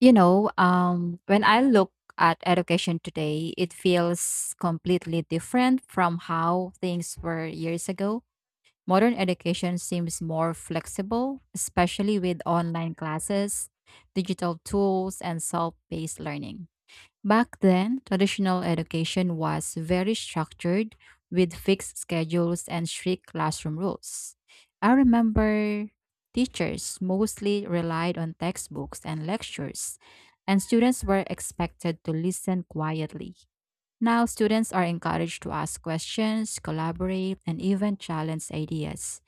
When I look at education today, it feels completely different from how things were years ago. Modern education seems more flexible, especially with online classes, digital tools, and self paced learning. Back then, traditional education was very structured with fixed schedules and strict classroom rules. I remember teachers mostly relied on textbooks and lectures, and students were expected to listen quietly. Now, students are encouraged to ask questions, collaborate, and even challenge ideas.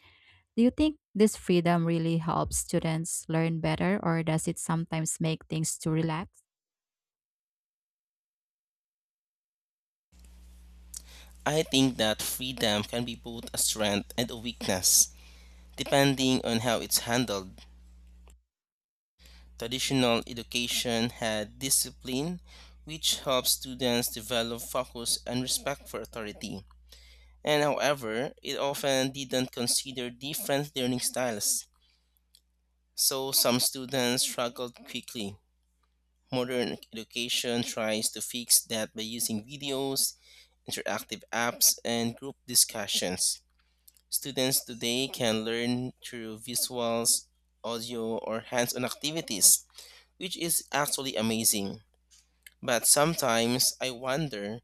Do you think this freedom really helps students learn better, or does it sometimes make things too relaxed? I think that freedom can be both a strength and a weakness, depending on how it's handled. Traditional education had discipline, which helps students develop focus and respect for authority. And however, it often didn't consider different learning styles, so some students struggled quickly. Modern education tries to fix that by using videos, interactive apps, and group discussions. Students today can learn through visuals, audio, or hands on activities, which is actually amazing. But sometimes I wonder,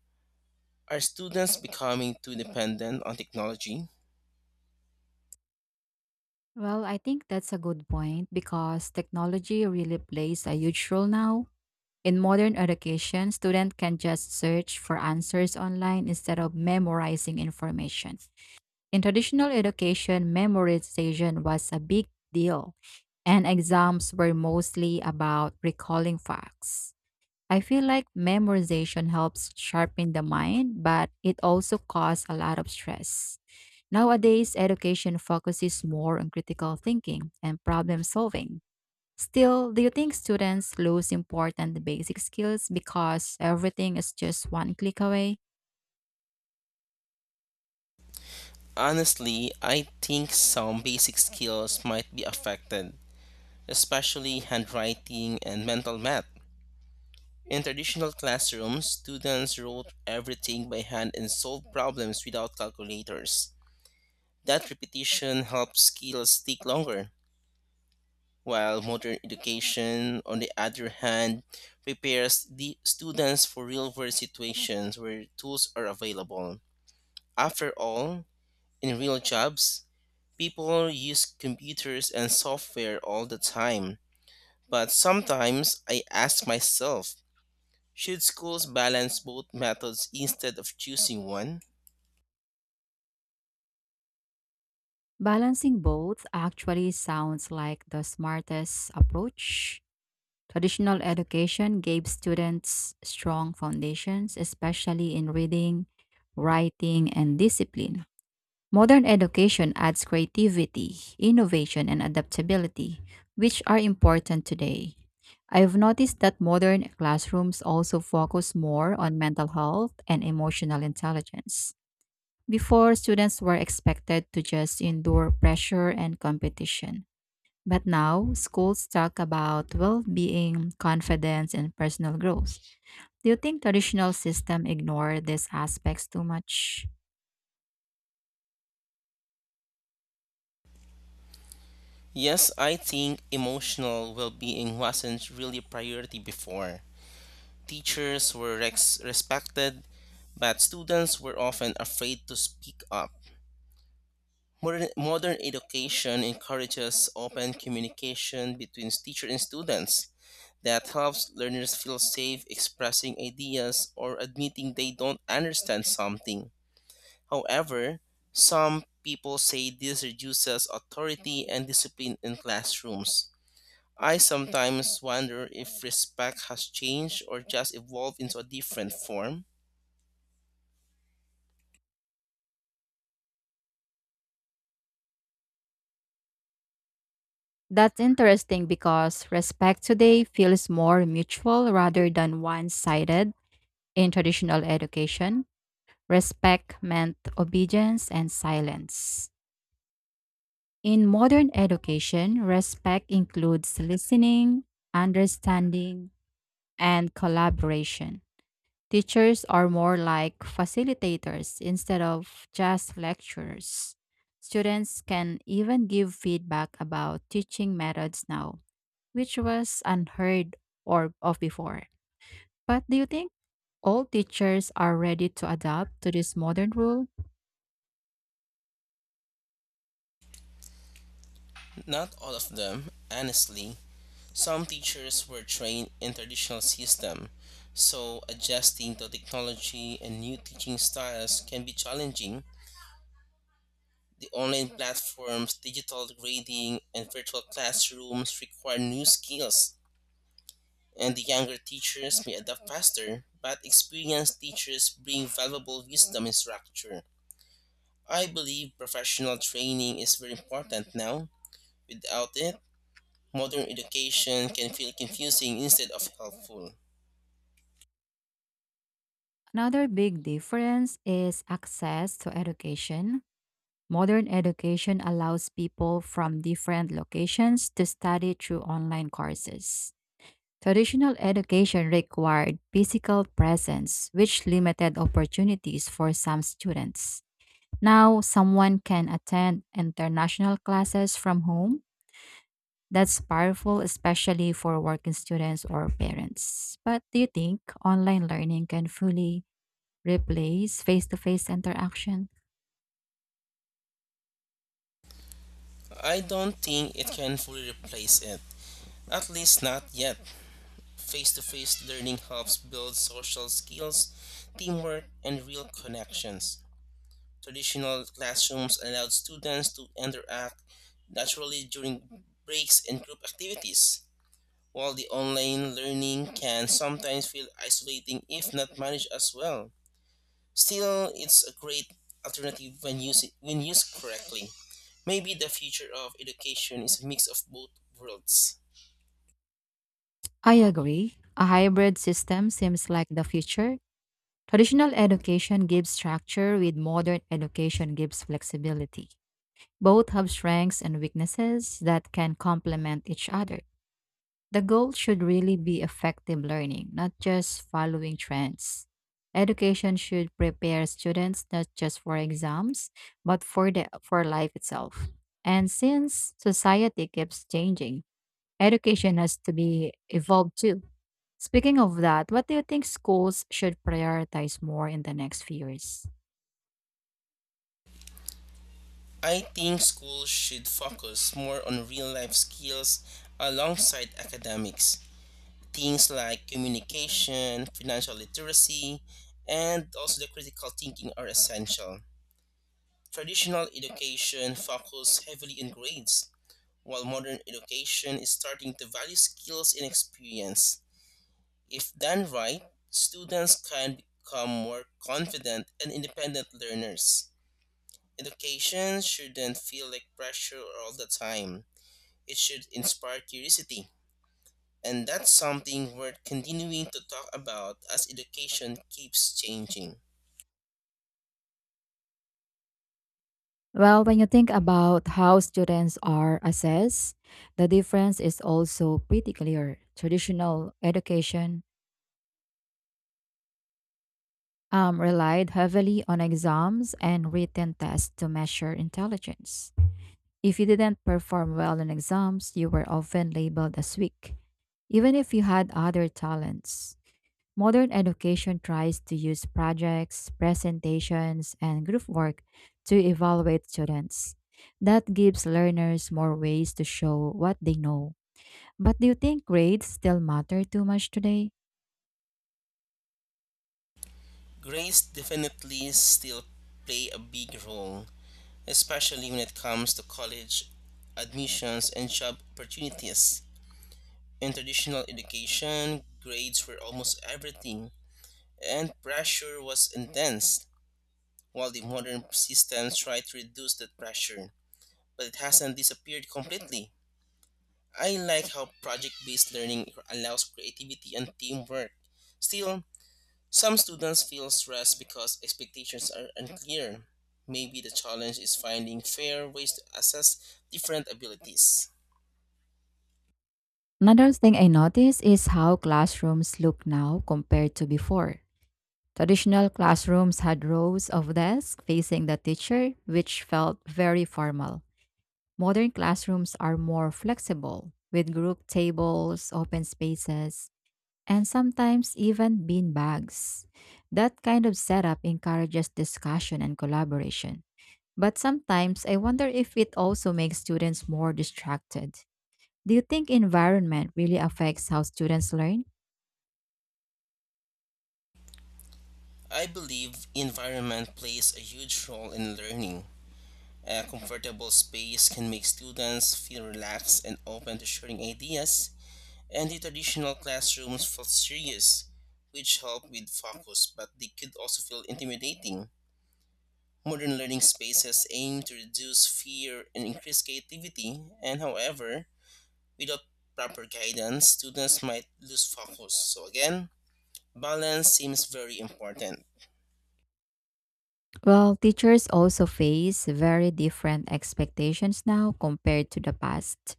are students becoming too dependent on technology? Well, I think that's a good point because technology really plays a huge role now. In modern education, students can just search for answers online instead of memorizing information. In traditional education, memorization was a big deal, and exams were mostly about recalling facts. I feel like memorization helps sharpen the mind, but it also causes a lot of stress. Nowadays, education focuses more on critical thinking and problem solving. Still, do you think students lose important basic skills because everything is just one click away? Honestly, I think some basic skills might be affected, especially handwriting and mental math. In traditional classrooms, students wrote everything by hand and solved problems without calculators. That repetition helps skills stick longer, while modern education, on the other hand, prepares the students for real world situations where tools are available. After all, in real jobs, people use computers and software all the time. But sometimes I ask myself, should schools balance both methods instead of choosing one? Balancing both actually sounds like the smartest approach. Traditional education gave students strong foundations, especially in reading, writing, and discipline. Modern education adds creativity, innovation, and adaptability, which are important today. I've noticed that modern classrooms also focus more on mental health and emotional intelligence. Before, students were expected to just endure pressure and competition. But now, schools talk about well being, confidence, and personal growth. Do you think traditional system ignore these aspects too much? Yes, I think emotional well being wasn't really a priority before. Teachers were respected, but students were often afraid to speak up. Modern education encourages open communication between teacher and students, that helps learners feel safe expressing ideas or admitting they don't understand something. However, some people say this reduces authority and discipline in classrooms. I sometimes wonder if respect has changed or just evolved into a different form. That's interesting because respect today feels more mutual rather than one sided in traditional education. Respect meant obedience and silence. In modern education, respect includes listening, understanding, and collaboration. Teachers are more like facilitators instead of just lecturers. Students can even give feedback about teaching methods now, which was unheard or of before. But do you think all teachers are ready to adapt to this modern rule? Not all of them, honestly. Some teachers were trained in traditional system, so adjusting to technology and new teaching styles can be challenging. The online platforms, digital grading, and virtual classrooms require new skills, and the younger teachers may adapt faster, but experienced teachers bring valuable wisdom and structure. I believe professional training is very important now. Without it, modern education can feel confusing instead of helpful. Another big difference is access to education. Modern education allows people from different locations to study through online courses. Traditional education required physical presence, which limited opportunities for some students. Now, someone can attend international classes from home. That's powerful, especially for working students or parents. But do you think online learning can fully replace face to face interaction? I don't think it can fully replace it, at least not yet. Face to face learning helps build social skills, teamwork, and real connections. Traditional classrooms allowed students to interact naturally during breaks and group activities, while the online learning can sometimes feel isolating if not managed as well. Still, it's a great alternative when used correctly. Maybe the future of education is a mix of both worlds. I agree. A hybrid system seems like the future. Traditional education gives structure, with modern education gives flexibility. Both have strengths and weaknesses that can complement each other. The goal should really be effective learning, not just following trends. Education should prepare students not just for exams, but for life itself. And since society keeps changing, education has to be evolved too. Speaking of that, what do you think schools should prioritize more in the next few years? I think schools should focus more on real life skills alongside academics. Things like communication, financial literacy, and also the critical thinking are essential. Traditional education focuses heavily on grades, while modern education is starting to value skills and experience. If done right, students can become more confident and independent learners. Education shouldn't feel like pressure all the time. It should inspire curiosity. And that's something worth continuing to talk about as education keeps changing. Well, when you think about how students are assessed, the difference is also pretty clear. Traditional education relied heavily on exams and written tests to measure intelligence. If you didn't perform well in exams, you were often labeled as weak, even if you had other talents. Modern education tries to use projects, presentations, and group work to evaluate students. That gives learners more ways to show what they know. But do you think grades still matter too much today? Grades definitely still play a big role, especially when it comes to college admissions and job opportunities. In traditional education, grades were almost everything, and pressure was intense, while the modern systems try to reduce that pressure, but it hasn't disappeared completely. I like how project based learning allows creativity and teamwork. Still, some students feel stressed because expectations are unclear. Maybe the challenge is finding fair ways to assess different abilities. Another thing I notice is how classrooms look now compared to before. Traditional classrooms had rows of desks facing the teacher, which felt very formal. Modern classrooms are more flexible, with group tables, open spaces, and sometimes even bean bags. That kind of setup encourages discussion and collaboration. But sometimes I wonder if it also makes students more distracted. Do you think environment really affects how students learn? I believe environment plays a huge role in learning. A comfortable space can make students feel relaxed and open to sharing ideas, and the traditional classrooms felt serious, which helped with focus, but they could also feel intimidating. Modern learning spaces aim to reduce fear and increase creativity, and however, without proper guidance, students might lose focus. So, again, balance seems very important. Well, teachers also face very different expectations now compared to the past.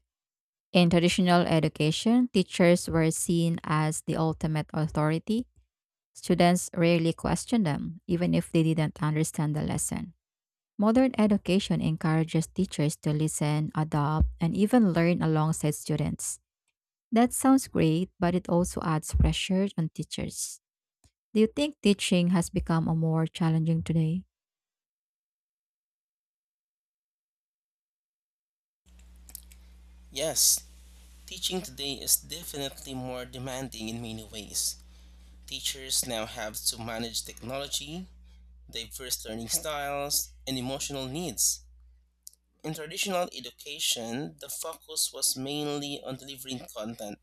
In traditional education, teachers were seen as the ultimate authority. Students rarely questioned them, even if they didn't understand the lesson. Modern education encourages teachers to listen, adopt, and even learn alongside students. That sounds great, but it also adds pressure on teachers. Do you think teaching has become a more challenging today? Yes, teaching today is definitely more demanding in many ways. Teachers now have to manage technology, diverse learning styles, and emotional needs. In traditional education, the focus was mainly on delivering content.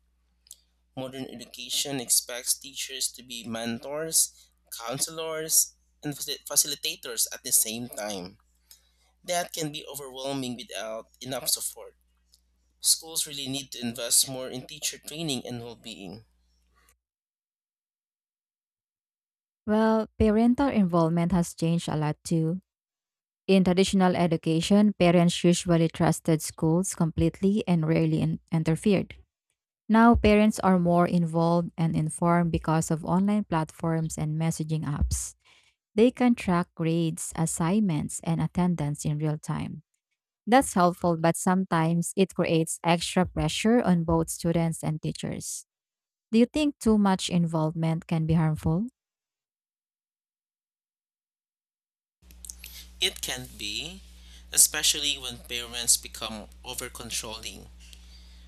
Modern education expects teachers to be mentors, counselors, and facilitators at the same time. That can be overwhelming without enough support. Schools really need to invest more in teacher training and well being. Well, parental involvement has changed a lot too. In traditional education, parents usually trusted schools completely and rarely interfered. Now, parents are more involved and informed because of online platforms and messaging apps. They can track grades, assignments, and attendance in real time. That's helpful, but sometimes it creates extra pressure on both students and teachers. Do you think too much involvement can be harmful? It can be, especially when parents become over controlling.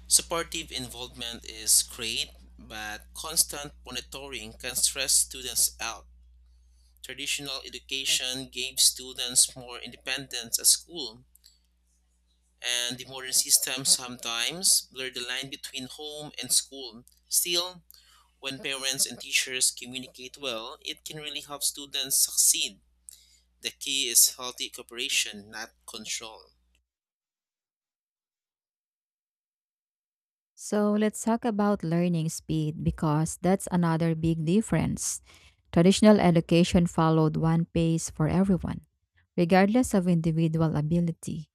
Supportive involvement is great, but constant monitoring can stress students out. Traditional education gave students more independence at school, and the modern system sometimes blur the line between home and school. Still, when parents and teachers communicate well, it can really help students succeed. The key is healthy cooperation, not control. So let's talk about learning speed because that's another big difference. Traditional education followed one pace for everyone, regardless of individual ability.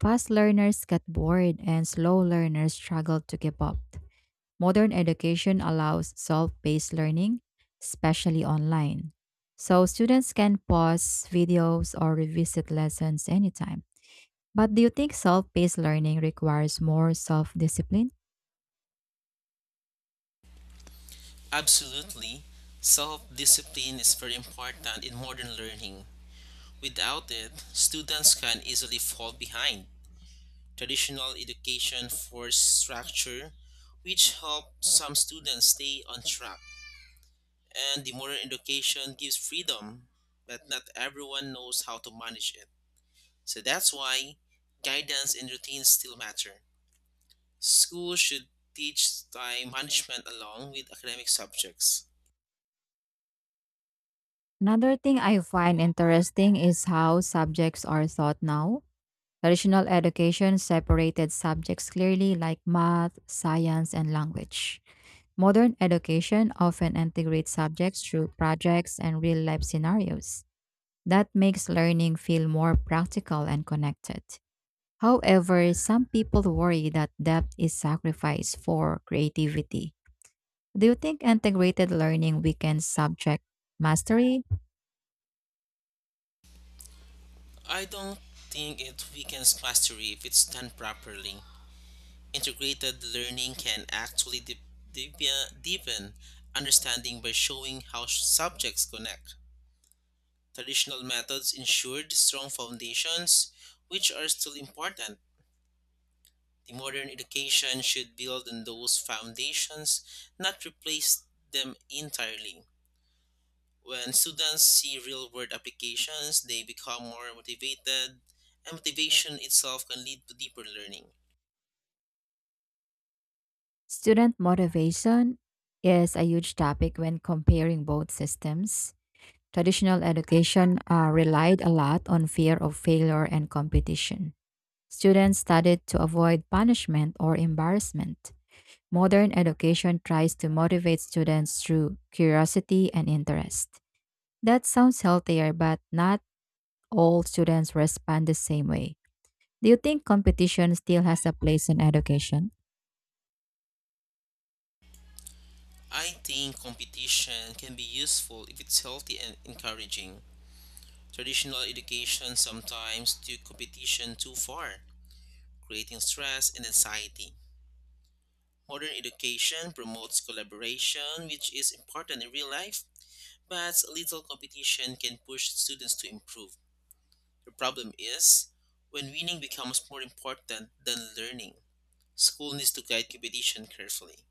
Fast learners get bored and slow learners struggle to keep up. Modern education allows self paced learning, especially online. So students can pause videos or revisit lessons anytime. But do you think self paced learning requires more self discipline? Absolutely. Self discipline is very important in modern learning. Without it, students can easily fall behind. Traditional education forced structure, which helped some students stay on track. And the modern education gives freedom, but not everyone knows how to manage it. So that's why guidance and routines still matter. Schools should teach time management along with academic subjects. Another thing I find interesting is how subjects are taught now. Traditional education separated subjects clearly like math, science, and language. Modern education often integrates subjects through projects and real life scenarios. That makes learning feel more practical and connected. However, some people worry that depth is sacrificed for creativity. Do you think integrated learning weakens subject mastery? I don't think it weakens mastery if it's done properly. Integrated learning can actually deepen understanding by showing how subjects connect. Traditional methods ensured strong foundations, which are still important. The modern education should build on those foundations, not replace them entirely. When students see real world applications, they become more motivated, and motivation itself can lead to deeper learning. Student motivation is a huge topic when comparing both systems. Traditional education relied a lot on fear of failure and competition. Students studied to avoid punishment or embarrassment. Modern education tries to motivate students through curiosity and interest. That sounds healthier, but not all students respond the same way. Do you think competition still has a place in education? I think competition can be useful if it's healthy and encouraging. Traditional education sometimes took competition too far, creating stress and anxiety. Modern education promotes collaboration, which is important in real life, but little competition can push students to improve. The problem is when winning becomes more important than learning. School needs to guide competition carefully.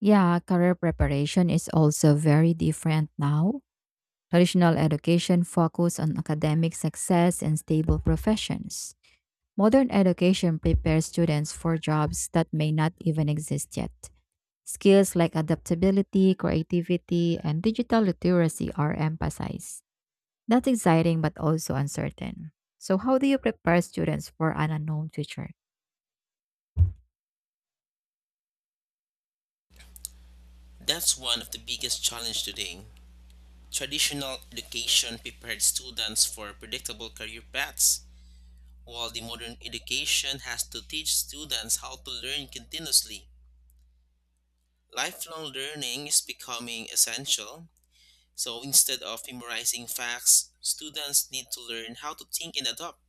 Yeah, career preparation is also very different now. Traditional education focuses on academic success and stable professions. Modern education prepares students for jobs that may not even exist yet. Skills like adaptability, creativity, and digital literacy are emphasized. That's exciting but also uncertain. So, how do you prepare students for an unknown future? That's one of the biggest challenges today. Traditional education prepared students for predictable career paths, while the modern education has to teach students how to learn continuously. Lifelong learning is becoming essential, so instead of memorizing facts, students need to learn how to think and adapt.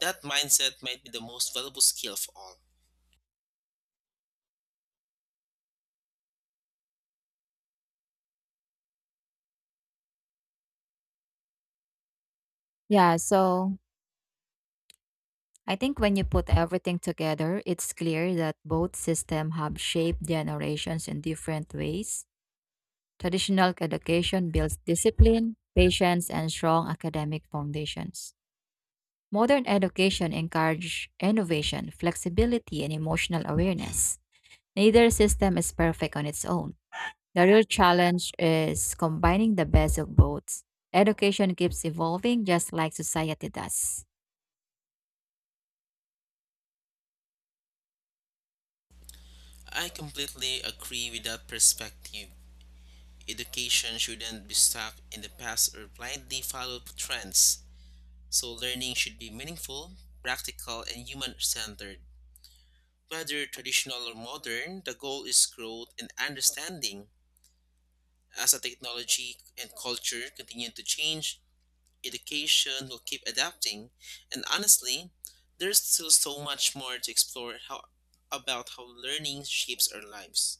That mindset might be the most valuable skill of all. Yeah, so I think when you put everything together, it's clear that both systems have shaped generations in different ways. Traditional education builds discipline, patience, and strong academic foundations. Modern education encourages innovation, flexibility, and emotional awareness. Neither system is perfect on its own. The real challenge is combining the best of both. Education keeps evolving just like society does. I completely agree with that perspective. Education shouldn't be stuck in the past or blindly follow trends. So learning should be meaningful, practical, and human centered. Whether traditional or modern, the goal is growth and understanding. As a technology and culture continue to change, education will keep adapting, and honestly, there's still so much more to explore how, about how learning shapes our lives.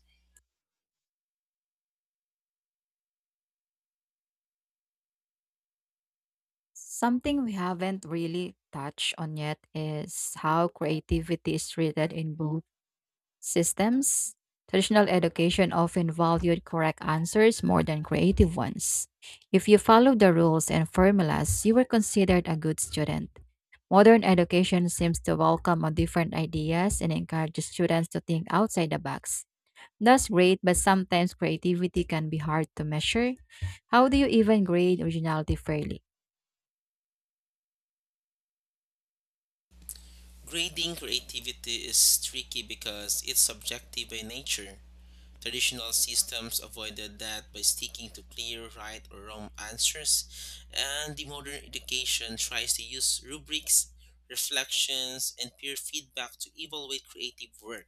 Something we haven't really touched on yet is how creativity is treated in both systems. Traditional education often valued correct answers more than creative ones. If you followed the rules and formulas, you were considered a good student. Modern education seems to welcome on different ideas and encourages students to think outside the box. That's great, but sometimes creativity can be hard to measure. How do you even grade originality fairly? Grading creativity is tricky because it's subjective by nature. Traditional systems avoided that by sticking to clear right or wrong answers, and the modern education tries to use rubrics, reflections, and peer feedback to evaluate creative work.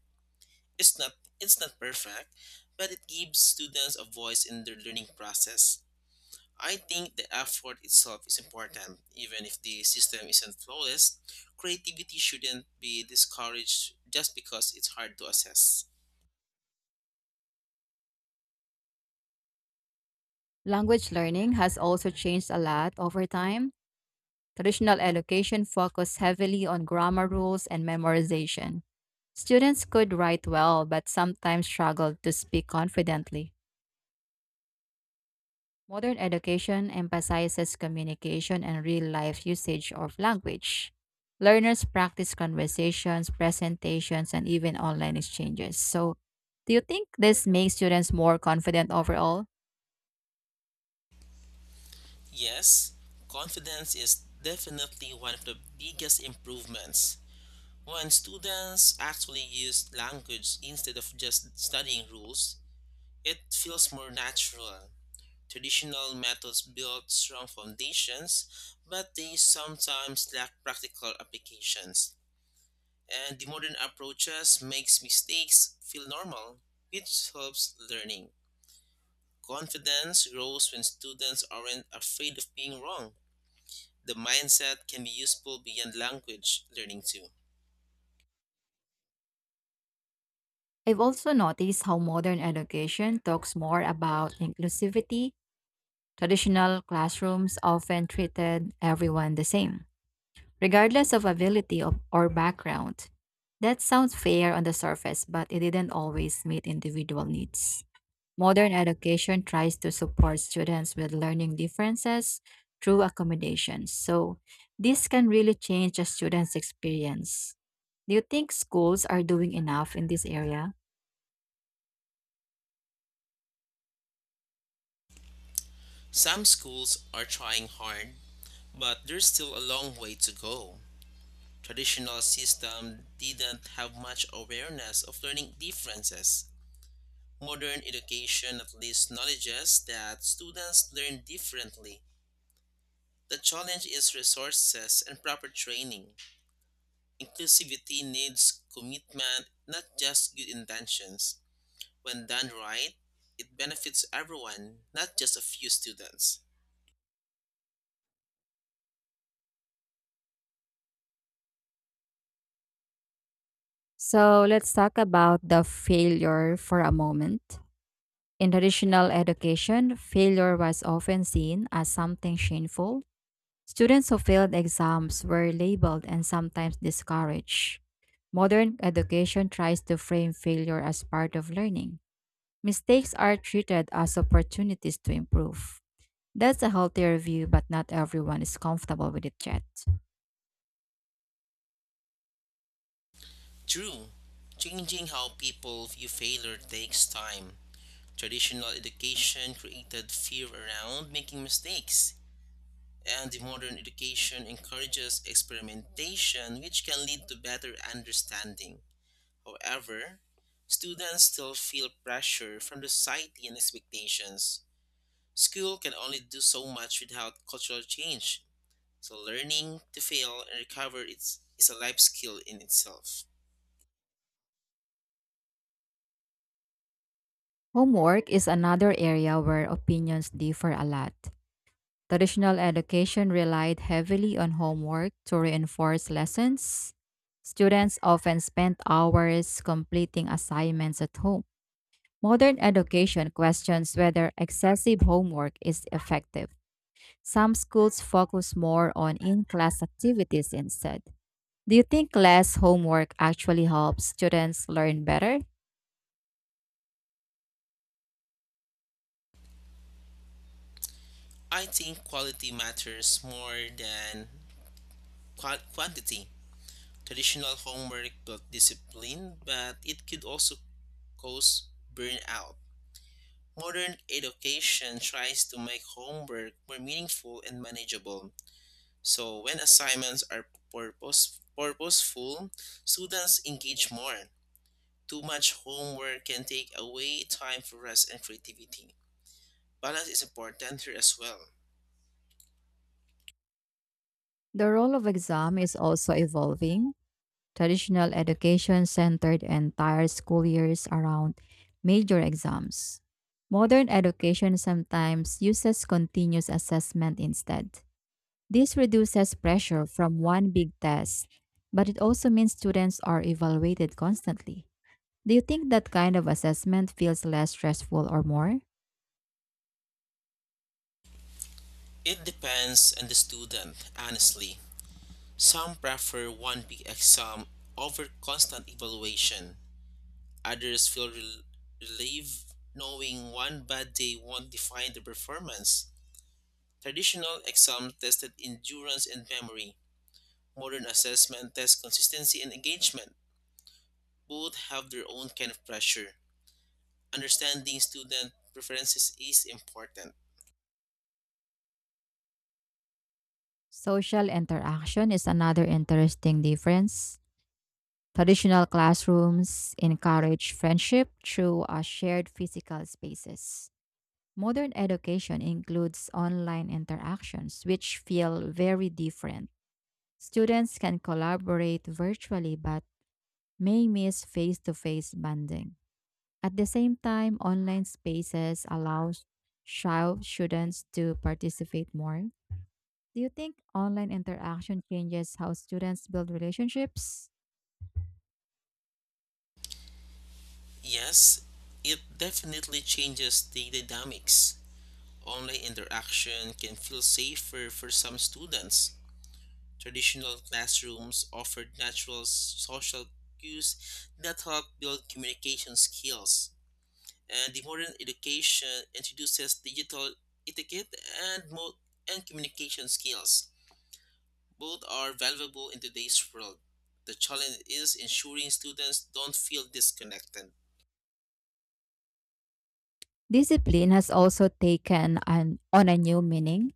It's not it's not perfect, but it gives students a voice in their learning process. I think the effort itself is important, even if the system isn't flawless. Creativity shouldn't be discouraged just because it's hard to assess. Language learning has also changed a lot over time. Traditional education focused heavily on grammar rules and memorization. Students could write well, but sometimes struggled to speak confidently. Modern education emphasizes communication and real life usage of language. Learners practice conversations, presentations, and even online exchanges. So, do you think this makes students more confident overall? Yes, confidence is definitely one of the biggest improvements. When students actually use language instead of just studying rules, it feels more natural. Traditional methods build strong foundations, but they sometimes lack practical applications. And the modern approaches makes mistakes feel normal, which helps learning. Confidence grows when students aren't afraid of being wrong. The mindset can be useful beyond language learning too. I've also noticed how modern education talks more about inclusivity. Traditional classrooms often treated everyone the same, regardless of ability or background. That sounds fair on the surface, but it didn't always meet individual needs. Modern education tries to support students with learning differences through accommodations. So, this can really change a student's experience. Do you think schools are doing enough in this area? Some schools are trying hard, but there's still a long way to go. Traditional system didn't have much awareness of learning differences. Modern education at least acknowledges that students learn differently. The challenge is resources and proper training. Inclusivity needs commitment, not just good intentions. When done right, it benefits everyone, not just a few students. So, let's talk about the failure for a moment. In traditional education, failure was often seen as something shameful. Students who failed exams were labeled and sometimes discouraged. Modern education tries to frame failure as part of learning. Mistakes are treated as opportunities to improve. That's a healthier view, but not everyone is comfortable with it yet. True, changing how people view failure takes time. Traditional education created fear around making mistakes, and the modern education encourages experimentation, which can lead to better understanding. However, students still feel pressure from society and expectations. School can only do so much without cultural change, so learning to fail and recover is a life skill in itself. Homework is another area where opinions differ a lot. Traditional education relied heavily on homework to reinforce lessons. Students often spent hours completing assignments at home. Modern education questions whether excessive homework is effective. Some schools focus more on in class activities instead. Do you think less homework actually helps students learn better? I think quality matters more than quantity. Traditional homework built discipline, but it could also cause burnout. Modern education tries to make homework more meaningful and manageable. So, when assignments are purposeful, students engage more. Too much homework can take away time for rest and creativity. Balance is important here as well. The role of exam is also evolving. Traditional education centered entire school years around major exams. Modern education sometimes uses continuous assessment instead. This reduces pressure from one big test, but it also means students are evaluated constantly. Do you think that kind of assessment feels less stressful or more? It depends on the student, honestly. Some prefer one big exam over constant evaluation. Others feel relieved knowing one bad day won't define their performance. Traditional exams tested endurance and memory. Modern assessment tests consistency and engagement. Both have their own kind of pressure. Understanding student preferences is important. Social interaction is another interesting difference. Traditional classrooms encourage friendship through a shared physical spaces. Modern education includes online interactions, which feel very different. Students can collaborate virtually but may miss face to face bonding. At the same time, online spaces allows shy students to participate more do you think online interaction changes how students build relationships? Yes, it definitely changes the dynamics. Online interaction can feel safer for some students. Traditional classrooms offered natural social cues that help build communication skills. And the modern education introduces digital etiquette and, mo- and communication skills. Both are valuable in today's world. The challenge is ensuring students don't feel disconnected. Discipline has also taken on a new meaning.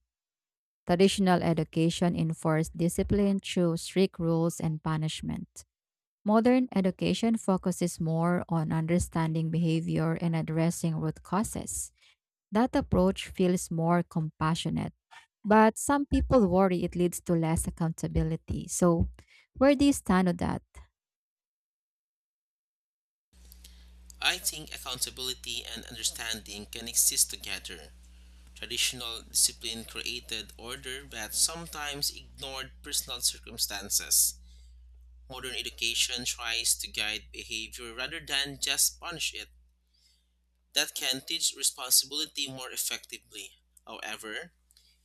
Traditional education enforced discipline through strict rules and punishment. Modern education focuses more on understanding behavior and addressing root causes. That approach feels more compassionate, but some people worry it leads to less accountability. So, where do you stand on that? I think accountability and understanding can exist together. Traditional discipline created order but sometimes ignored personal circumstances. Modern education tries to guide behavior rather than just punish it. That can teach responsibility more effectively. However,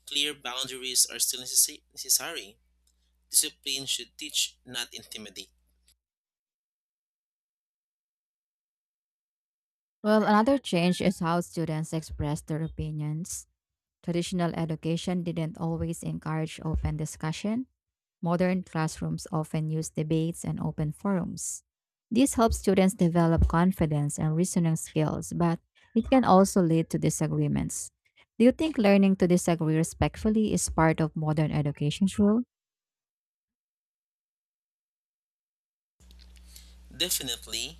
clear boundaries are still necessary. Discipline should teach, not intimidate. Well, another change is how students express their opinions. Traditional education didn't always encourage open discussion. Modern classrooms often use debates and open forums. This helps students develop confidence and reasoning skills, but it can also lead to disagreements. Do you think learning to disagree respectfully is part of modern education, Shul? Definitely,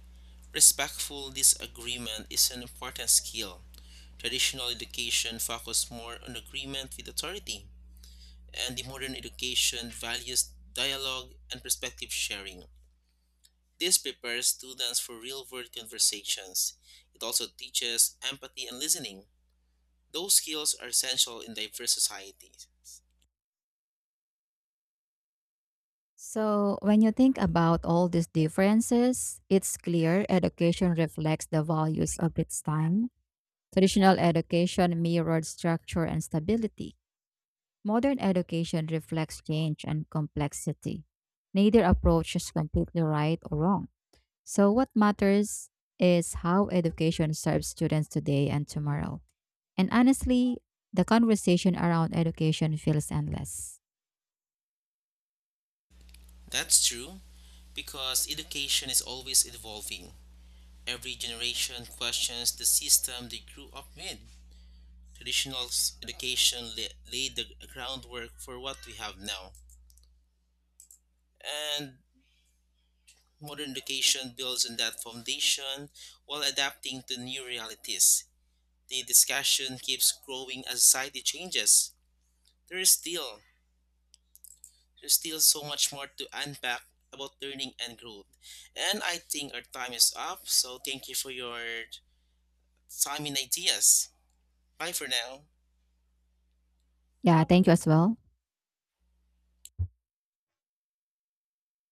respectful disagreement is an important skill. Traditional education focused more on agreement with authority, and the modern education values dialogue and perspective sharing. This prepares students for real world conversations. It also teaches empathy and listening. Those skills are essential in diverse societies. So, when you think about all these differences, it's clear education reflects the values of its time. Traditional education mirrored structure and stability. Modern education reflects change and complexity. Neither approach is completely right or wrong. So, what matters is how education serves students today and tomorrow. And honestly, the conversation around education feels endless. That's true, because education is always evolving. Every generation questions the system they grew up with. Traditional education laid the groundwork for what we have now, and modern education builds on that foundation while adapting to new realities. The discussion keeps growing as society changes. There is still There's still so much more to unpack about learning and growth. And I think our time is up, so thank you for your time and ideas. Bye for now. Yeah, thank you as well.